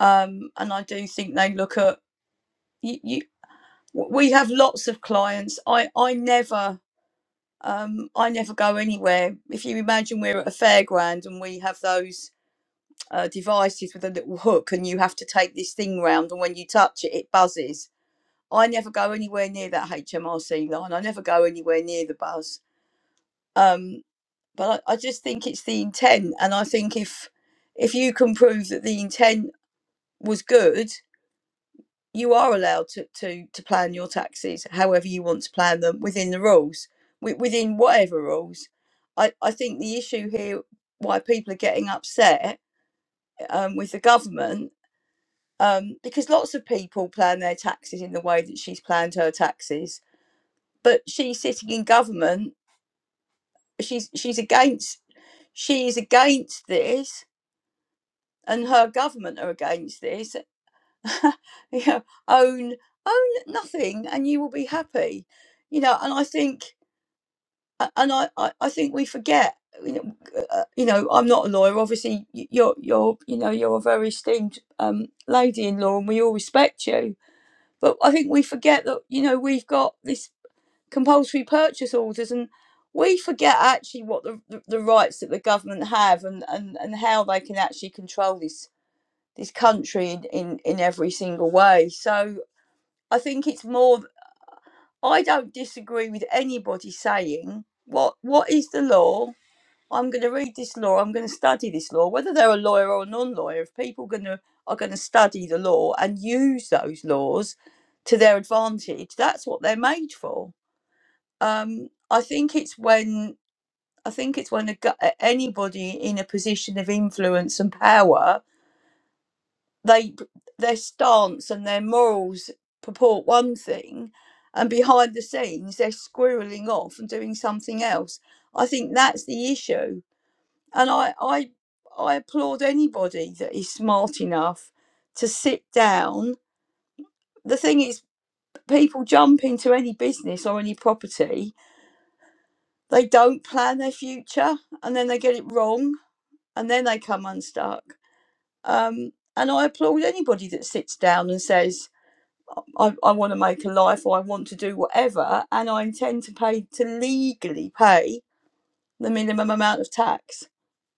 Speaker 4: um, and I do think they look at you, you. We have lots of clients. I I never um, I never go anywhere. If you imagine we're at a fairground and we have those uh, devices with a little hook, and you have to take this thing round, and when you touch it, it buzzes. I never go anywhere near that HMRC line. I never go anywhere near the buzz. Um, but I, I just think it's the intent, and I think if if you can prove that the intent was good you are allowed to, to, to plan your taxes however you want to plan them within the rules, wi- within whatever rules. I, I think the issue here, why people are getting upset um, with the government, um, because lots of people plan their taxes in the way that she's planned her taxes, but she's sitting in government. She's she's against she is against this, and her government are against this, (laughs) you know, own own nothing and you will be happy you know and i think and i i, I think we forget you know, uh, you know i'm not a lawyer obviously y- you're you're you know you're a very esteemed um lady in law and we all respect you but i think we forget that you know we've got this compulsory purchase orders and we forget actually what the, the the rights that the government have and, and, and how they can actually control this this country in, in, in every single way. So I think it's more. I don't disagree with anybody saying what what is the law. I'm going to read this law. I'm going to study this law, whether they're a lawyer or a non-lawyer. If people going to are going to study the law and use those laws to their advantage, that's what they're made for. Um, I think it's when I think it's when a, anybody in a position of influence and power they their stance and their morals purport one thing and behind the scenes they're squirreling off and doing something else i think that's the issue and i i i applaud anybody that is smart enough to sit down the thing is people jump into any business or any property they don't plan their future and then they get it wrong and then they come unstuck um and i applaud anybody that sits down and says I, I want to make a life or I want to do whatever, and I intend to pay to legally pay the minimum amount of tax,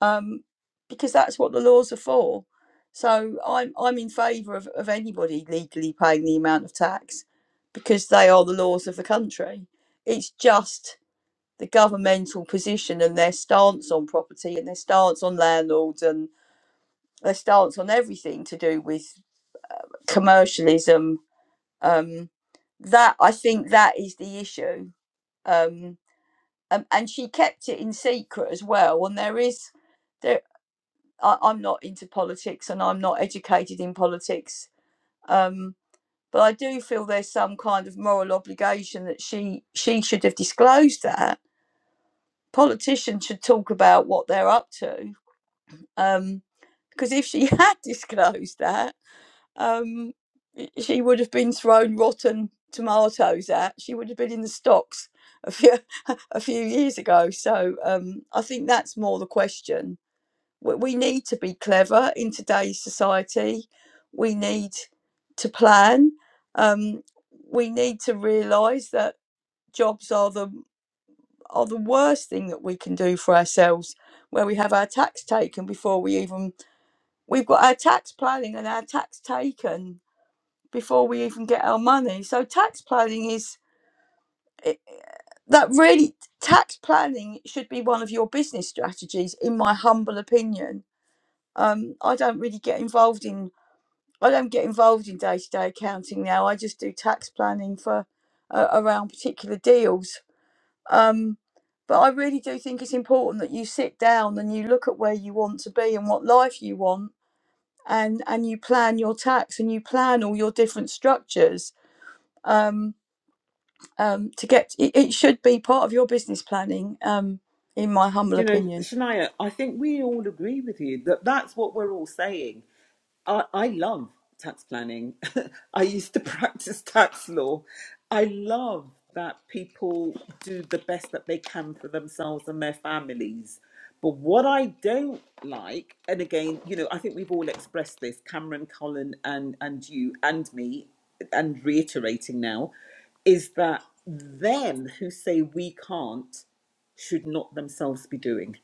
Speaker 4: um, because that's what the laws are for. So I'm I'm in favour of, of anybody legally paying the amount of tax, because they are the laws of the country. It's just the governmental position and their stance on property and their stance on landlords and their stance on everything to do with commercialism um that i think that is the issue um and, and she kept it in secret as well and there is there I, i'm not into politics and i'm not educated in politics um but i do feel there's some kind of moral obligation that she she should have disclosed that politicians should talk about what they're up to um because if she (laughs) had disclosed that um, she would have been thrown rotten tomatoes at. She would have been in the stocks a few (laughs) a few years ago. So um, I think that's more the question. We, we need to be clever in today's society. We need to plan. Um, we need to realise that jobs are the are the worst thing that we can do for ourselves where we have our tax taken before we even we've got our tax planning and our tax taken before we even get our money. So tax planning is it- that really tax planning should be one of your business strategies, in my humble opinion. Um, I don't really get involved in I don't get involved in day to day accounting now. I just do tax planning for uh, around particular deals. Um, but I really do think it's important that you sit down and you look at where you want to be and what life you want, and and you plan your tax and you plan all your different structures. Um. um, to get it, it should be part of your business planning um, in my humble
Speaker 1: Do you know,
Speaker 4: opinion
Speaker 1: Shania, I think we all agree with you that that's what we're all saying. I, I love tax planning. (laughs) I used to practice tax law. I love that people do the best that they can for themselves and their families. But what I don't like, and again, you know, I think we've all expressed this, Cameron, Colin, and and you and me, and reiterating now, is that them who say we can't should not themselves be doing.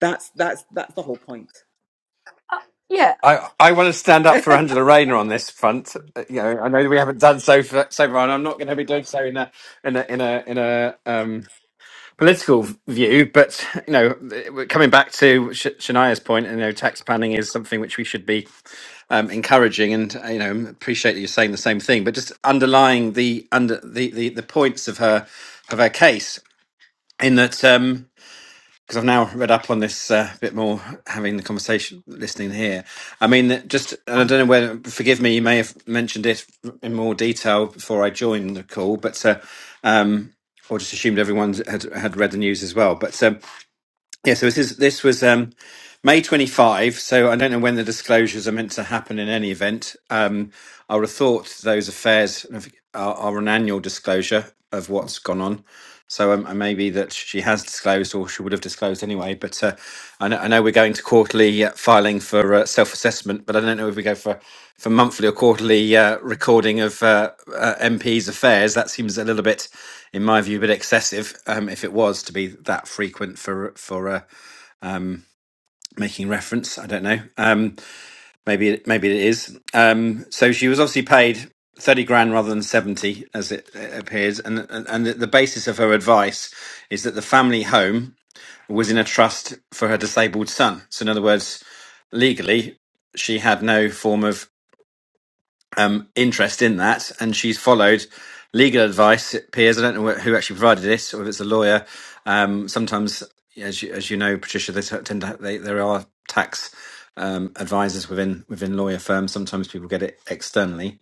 Speaker 1: That's that's that's the whole point.
Speaker 4: yeah
Speaker 3: I, I want to stand up for Angela Rayner on this front. Uh, You know, I know we haven't done so for, so far, and I'm not going to be doing so in a in a in a in a um, political view, but you know, we're coming back to Sh- Shania's point, you know, tax planning is something which we should be um, encouraging, and uh, you know, appreciate that you're saying the same thing. But just underlying the under the the, the points of her of her case in that. Um, because I've now read up on this uh, a uh, bit more, having the conversation, listening here. I mean, just and I don't know whether forgive me, you may have mentioned it in more detail before I joined the call, but uh, um, or just assumed everyone had had read the news as well. But um, yeah, so this is this was. Um, May 25, so I don't know when the disclosures are meant to happen in any event. Um, I would have thought those affairs have- are, are an annual disclosure of what's gone on. So um, maybe that she has disclosed or she would have disclosed anyway. But uh, I, know, I know we're going to quarterly uh, filing for uh, self assessment, but I don't know if we go for, for monthly or quarterly uh, recording of uh, uh, MPs' affairs. That seems a little bit, in my view, a bit excessive um, if it was to be that frequent for, for uh, making reference. I don't know. Um, maybe it, maybe it is. Um, so she was obviously paid thirty grand rather than seventy, as it uh, appears. And and, and the basis of her advice is that the family home was in a trust for her disabled son. So in other words, legally, she had no form of um, interest in that, and she's followed legal advice. It appears I don't know who actually provided this, or if it's a lawyer. Um, sometimes, as you, as you know, Patricia, they tend to ha- they, there are tax um, advisors within within lawyer firms. Sometimes people get it externally,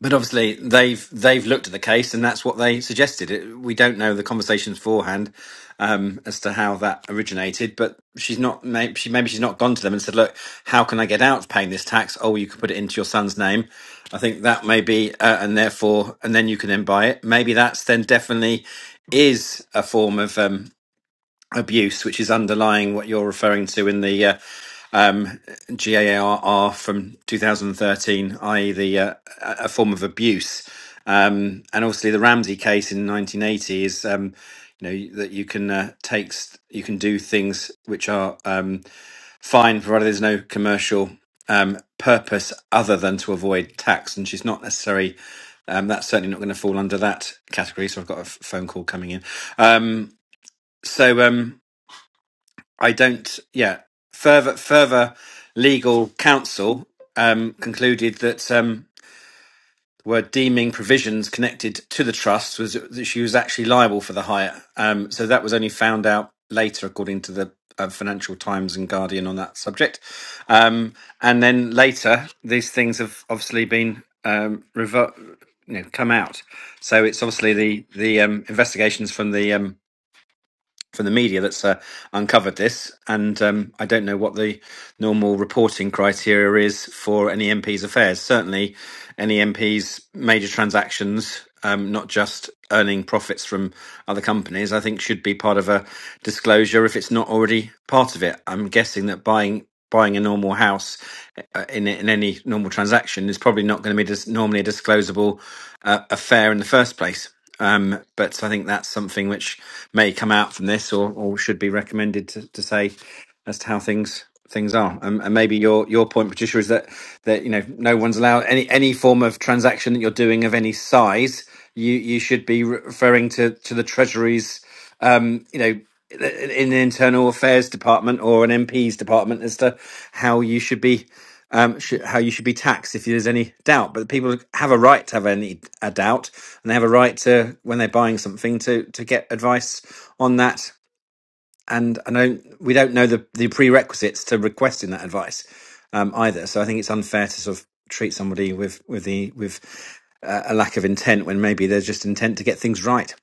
Speaker 3: but obviously, they've they've looked at the case, and that's what they suggested. It, we don't know the conversations beforehand um, as to how that originated, but she's not. Maybe, she maybe she's not gone to them and said, "Look, how can I get out paying this tax? Oh, you could put it into your son's name." I think that may be, uh, and therefore, and then you can then buy it. Maybe that's then definitely is a form of um, abuse, which is underlying what you're referring to in the uh, um, GARR from 2013, i.e., the uh, a a form of abuse. Um, and obviously, the Ramsey case in 1980 is, um, you know, that you can uh, take, st- you can do things which are um, fine, provided there's no commercial um, purpose other than to avoid tax. And she's not necessarily, um, that's certainly not going to fall under that category. So I've got a f- phone call coming in. Um, so, um, I don't. Yeah, further further legal counsel um, concluded that um, were deeming provisions connected to the trust was that she was actually liable for the hire. Um, so that was only found out later, according to the uh, Financial Times and Guardian on that subject. Um, and then later, these things have obviously been um, rever- you know, come out. So it's obviously the the um, investigations from the um, from the media that's uh, uncovered this, and um, I don't know what the normal reporting criteria is for any MP's affairs. Certainly, any MP's major transactions, um, not just earning profits from other companies, I think should be part of a disclosure if it's not already part of it. I'm guessing that buying buying a normal house uh, in in any normal transaction is probably not going to be dis- normally a disclosable uh, affair in the first place. Um, but I think that's something which may come out from this, or, or should be recommended to, to say as to how things things are. Um, and maybe your your point, Patricia, is that that you know no one's allowed any any form of transaction that you're doing of any size. You you should be referring to to the Treasury's um, you know, in in the internal affairs department or an MP's department as to how you should be um, sh- how you should be taxed if there's any doubt. But people have a right to have any a doubt, and they have a right to when they're buying something to to get advice on that. And I know we don't know the the prerequisites to requesting that advice um, either. So I think it's unfair to sort of treat somebody with with the with uh, a lack of intent when maybe there's just intent to get things right.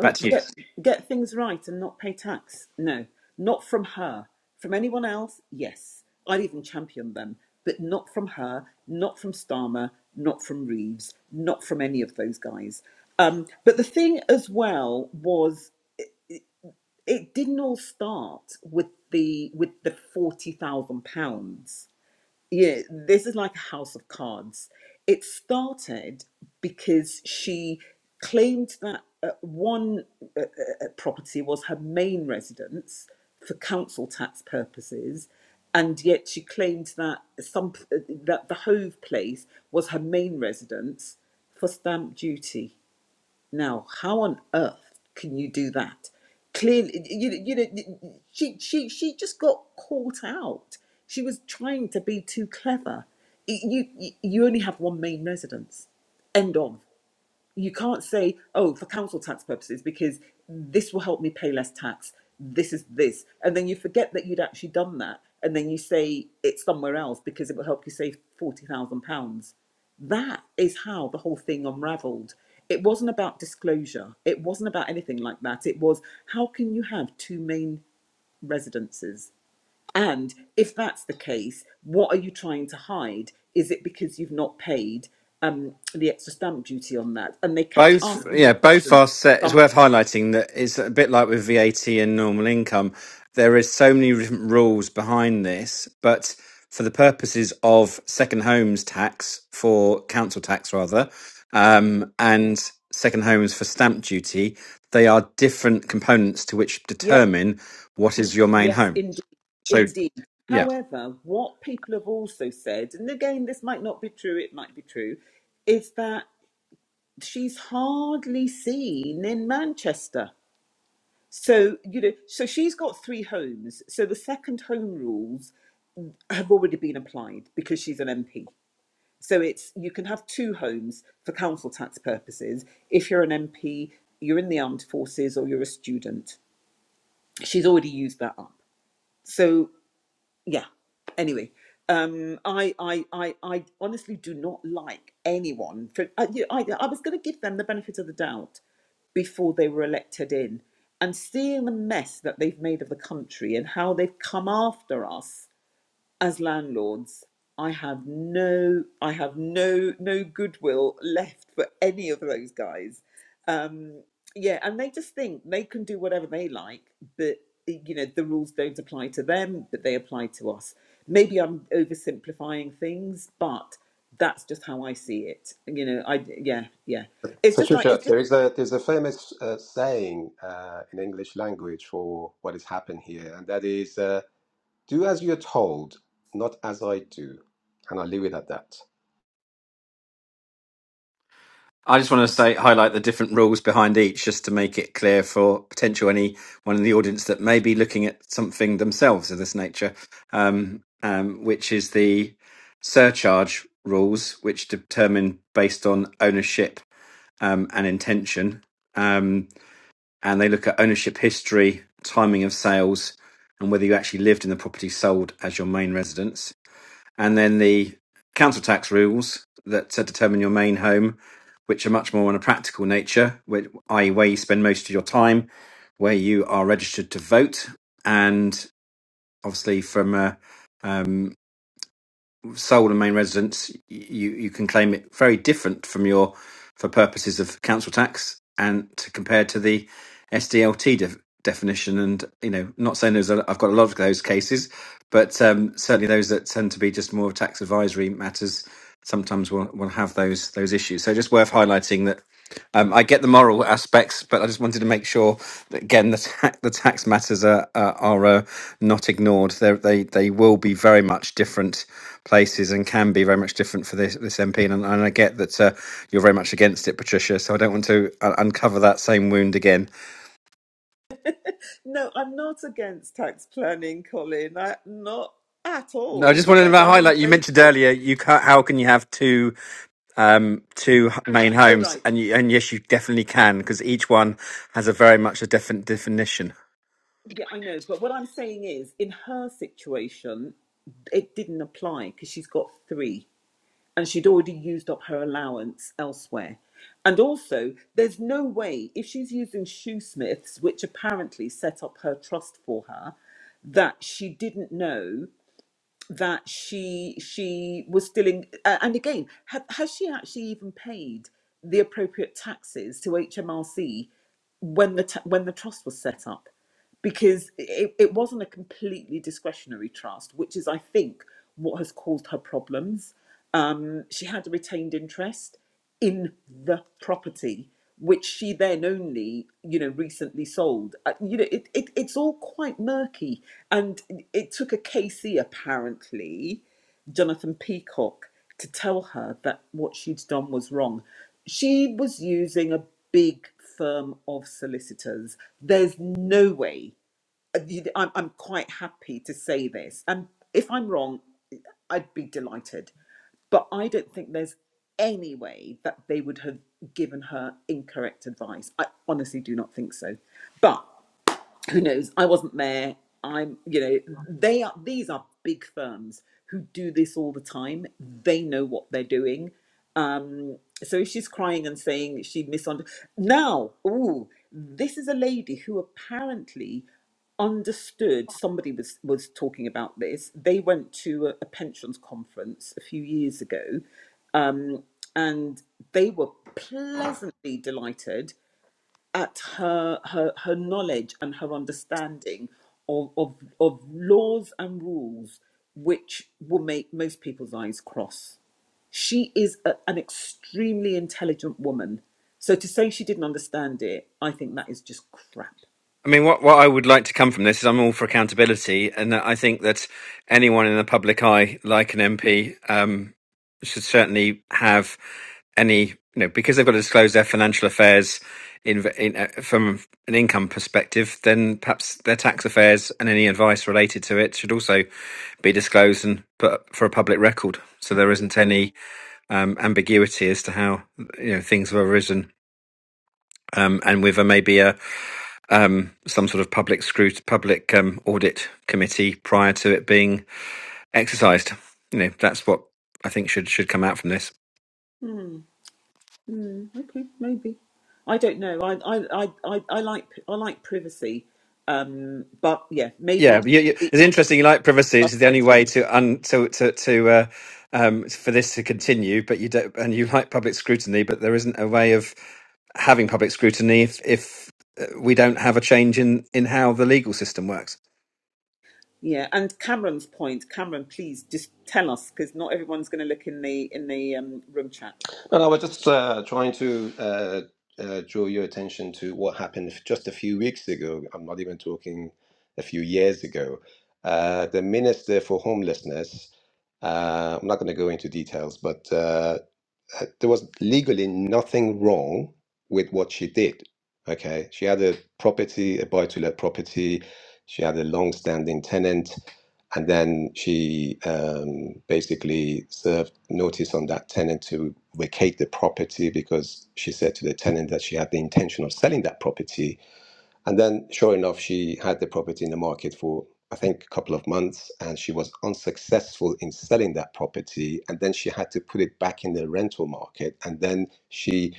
Speaker 3: Back to you.
Speaker 1: get get things right and not pay tax. No, not from her. From anyone else, yes, I'd even champion them, but not from her, not from Starmer, not from Reeves, not from any of those guys. Um, but the thing as well was it didn't all start with the with the forty thousand pounds yeah, this is like a house of cards. It started because she claimed that uh, one uh, uh, property was her main residence for council tax purposes, and yet she claimed that some uh, that the Hove place was her main residence for stamp duty. Now, how on earth can you do that? Clearly, you, you know, she, she, she just got caught out. She was trying to be too clever. You, you, you only have one main residence. End of you can't say, oh, for council tax purposes, because this will help me pay less tax. This is this. And then you forget that you'd actually done that. And then you say it's somewhere else because it will help you save £40,000. That is how the whole thing unraveled. It wasn't about disclosure, it wasn't about anything like that. It was how can you have two main residences? And if that's the case, what are you trying to hide? Is it because you've not paid um, the extra stamp duty on that? And they kept
Speaker 3: Both,
Speaker 1: asking her
Speaker 3: yeah, both
Speaker 1: questions.
Speaker 3: are set. It's
Speaker 1: Some,
Speaker 3: worth highlighting that it's a bit like with VAT and normal income. There is so many different rules behind this, but for the purposes of second homes tax for council tax rather, um, and second homes for stamp duty, they are different components to which
Speaker 1: yep,
Speaker 3: determine what is your main
Speaker 1: yes,
Speaker 3: home.
Speaker 1: indeed,
Speaker 3: So,
Speaker 1: indeed.
Speaker 3: yeah.
Speaker 1: However, what people have also said, and again, this might not be true, it might be true, is that she's hardly seen in Manchester. So, you know, so she's got three homes. So the second home rules have already been applied because she's an MP. So it's you can have two homes for council tax purposes if you're an MP, you're in the armed forces, or you're a student. She's already used that up. So yeah. Anyway, um, I, I I I honestly do not like anyone for I, you know, I, I was going to give them the benefit of the doubt before they were elected in. And seeing the mess that they've made of the country and how they've come after us as landlords, I have no, I have no, no goodwill left for any of those guys. Yeah, and they just think they can do whatever they like, but you know the rules don't apply to them, but they apply to us. Maybe I'm oversimplifying things, but that's just how I see it. You know, I yeah, yeah. It's just like
Speaker 2: Patricia,
Speaker 1: it's just
Speaker 2: there is a there's a famous uh, saying uh, in English language for what has happened here, and that is, uh, "Do as you're told, not as I do," and I'll leave it at that.
Speaker 3: I just want to say highlight the different rules behind each, just to make it clear for potential anyone in the audience that may be looking at something themselves of this nature, um, um, which is the surcharge rules, which determine based on ownership um, and intention, um, and they look at ownership history, timing of sales, and whether you actually lived in the property sold as your main residence and then the council tax rules that uh, determine your main home, which are much more on a practical nature, where, i.e., where you spend most of your time, where you are registered to vote, and obviously from a um, sole and main residence, you you can claim it very different from your for purposes of council tax and to compare to the SDLT def, definition. And you know, not saying there's a, I've got a lot of those cases, but um, certainly those that tend to be just more tax advisory matters sometimes will will have those those issues. So just worth highlighting that um, I get the moral aspects, but I just wanted to make sure that again the ta- the tax matters are are, are uh, not ignored. They're, they they will be very much different places and can be very much different for this this MP. And, and I get that uh, you're very much against it, Patricia. So I don't want to uh, uncover that same wound again.
Speaker 1: no. I'm not against tax planning, Colin. I, not at
Speaker 3: No, I
Speaker 1: all.
Speaker 3: just
Speaker 1: In
Speaker 3: wanted to
Speaker 1: fact, I'm in
Speaker 3: highlight. You
Speaker 1: favour
Speaker 3: mentioned
Speaker 1: of it.
Speaker 3: earlier you can't, how can you have two um, two h- main
Speaker 1: Oh
Speaker 3: homes,
Speaker 1: right.
Speaker 3: and you, and yes, you definitely can because each one has a very much a different definition.
Speaker 1: Yeah, I know. But what I'm saying is, in her situation, it didn't apply because she's got three and she'd already used up her allowance elsewhere. And also, there's no way, if she's using Shoesmiths, which apparently set up her trust for her, that she didn't know that she she was still in uh, and again ha, has she actually even paid the appropriate taxes to HMRC when the ta- when the trust was set up because it, it wasn't a completely discretionary trust which is I think what has caused her problems um she had a retained interest in the property which she then only you know recently sold Uh, you know it, it it's all quite murky and it it took a kc apparently jonathan peacock to tell her that what she'd done was wrong she was using a big firm of solicitors there's no way uh, you- I'm, I'm quite happy to say this. And if I'm wrong, I'd be delighted. But I don't think there's any way that they would have given her incorrect advice. I honestly do not think so. But who knows i wasn't there i'm you know they are these are big firms who do this all the time they know what they're doing um so if she's crying and saying she misunderstood now ooh this is a lady who apparently understood somebody was was talking about this they went to a, a pensions conference a few years ago um and they were pleasantly delighted at her her, her knowledge and her understanding of, of of laws and rules which will make most people's eyes cross. She is a, an extremely intelligent woman. So to say she didn't understand it, I think that is just crap.
Speaker 3: I mean, what, what I would like to come from this is I'm all for accountability, and I think that anyone in the public eye, like an MP, um, should certainly have any, you know, because they've got to disclose their financial affairs in, in uh, from an income perspective, then perhaps their tax affairs and any advice related to it should also be disclosed and put up for a public record, so there isn't any um, ambiguity as to how you know things have arisen. Um, and with a maybe a um, some sort of public scrut- public um, audit committee prior to it being exercised. You know, that's what I think should should come out from this.
Speaker 1: Hmm. Hmm. Okay. Maybe. I don't know. I I I I, I like I like privacy. Um. But yeah,
Speaker 3: Yeah,
Speaker 1: maybe.
Speaker 3: but you, you, it's interesting. You like privacy; it's the only way to un, to to, to uh, um, for this to continue. But you don't, and you like public scrutiny, but there isn't a way of having public scrutiny if if uh, we don't have a change in in how the legal system works.
Speaker 1: Yeah, and Cameron's point, Cameron, please just tell us because not everyone's going to look in the in the um, room chat.
Speaker 2: And I was just uh, trying to uh, uh, draw your attention to what happened just a few weeks ago. I'm not even talking a few years ago. Uh, the minister for homelessness. Uh, I'm not going to go into details, but uh, there was legally nothing wrong with what she did. Okay, she had a property, a buy-to-let property. She had a long-standing tenant, and then she um, basically served notice on that tenant to vacate the property because she said to the tenant that she had the intention of selling that property and then, sure enough, she had the property in the market for, I think, a couple of months, and she was unsuccessful in selling that property. And then she had to put it back in the rental market. And then she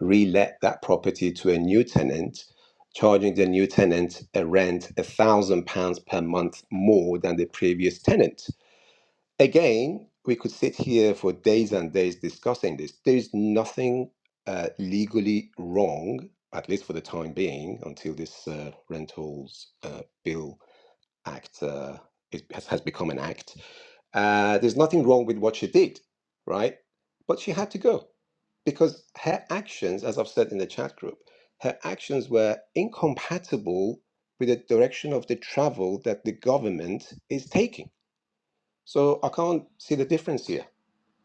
Speaker 2: re let that property to a new tenant, charging the new tenant a rent a thousand pounds per month more than the previous tenant Again, we could sit here for days and days discussing this. There is nothing uh, legally wrong, at least for the time being, until this uh, Rentals uh, Bill Act uh, is, has, has become an act. Uh, there's nothing wrong with what she did, right? But she had to go because her actions, as I've said in the chat group, her actions were incompatible with the direction of the travel that the government is taking so I can't see the difference here.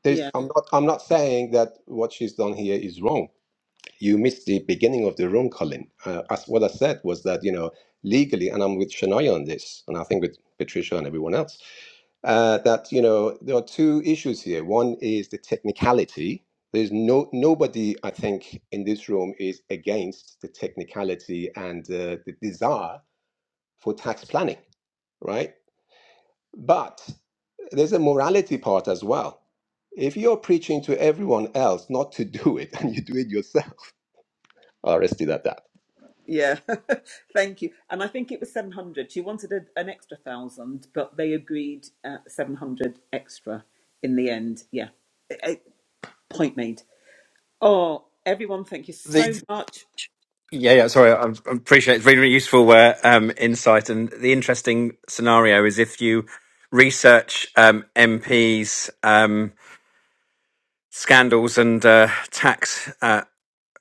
Speaker 2: There's,
Speaker 1: Yeah,
Speaker 2: I'm not. I'm not saying that what she's done here is wrong. You missed the beginning of the room, Colin. Uh, as what I said was that you know legally, and I'm with Shania on this, and I think with Patricia and everyone else, uh, that you know there are two issues here. One is the technicality. There's no nobody, I think, in this room is against the technicality and uh, the desire for tax planning, right? But there's a morality part as well. If you're preaching to everyone else not to do it (laughs) and you do it yourself, (laughs) I'll rest it at that.
Speaker 1: yeah, (laughs) thank you. And I think it was seven hundred. She wanted a, an extra thousand, but they agreed at seven hundred extra in the end. Yeah, Eh, eh, point made. Oh, everyone, thank you
Speaker 3: the
Speaker 1: so much.
Speaker 3: Yeah, yeah. Sorry, I I appreciate it. it's really, really useful uh, um, insight. And the interesting scenario is if you research um, MPs' um, scandals and uh, tax uh,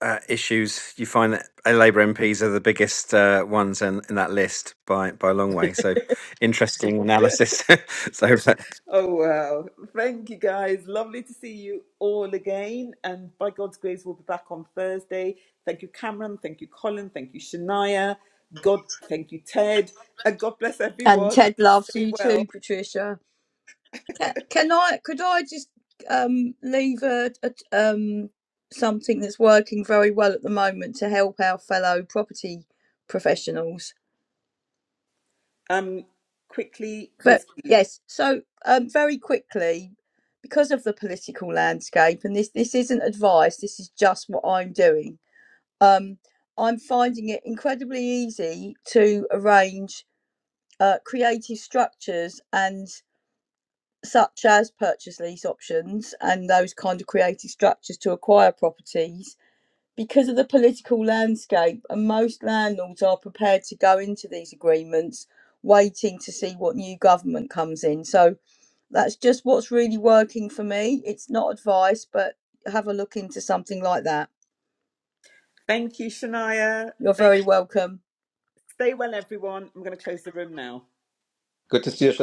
Speaker 3: uh, issues, you find that uh, Labour MPs are the biggest uh, ones in, in that list by by a long way. So interesting analysis. (laughs) so.
Speaker 1: Oh, wow. Thank you, guys. Lovely to see you all again. And by God's grace, we'll be back on Thursday. Thank you, Cameron. Thank you, Colin. Thank you, Shania. God, thank you, Ted. And God bless
Speaker 4: and
Speaker 1: everyone.
Speaker 4: ted loves
Speaker 1: Stay
Speaker 4: you too
Speaker 1: well.
Speaker 4: patricia Ca- Can I? Could I just um, leave a, a um, something that's working very well at the moment to help our fellow property professionals?
Speaker 1: Um, quickly,
Speaker 4: But
Speaker 1: yes, please.
Speaker 4: yes, so um, very quickly, because of the political landscape, and this this isn't advice. This is just what I'm doing. Um, I'm finding it incredibly easy to arrange uh, creative structures and such as purchase lease options and those kind of creative structures to acquire properties because of the political landscape and most landlords are prepared to go into these agreements waiting to see what new government comes in so that's just what's really working for me it's not advice but have a look into something like that
Speaker 1: Thank you, Shania.
Speaker 4: you're
Speaker 1: Thank.
Speaker 4: very welcome
Speaker 1: Stay well, everyone. I'm going to close the room now.
Speaker 2: Good to see you, Shana.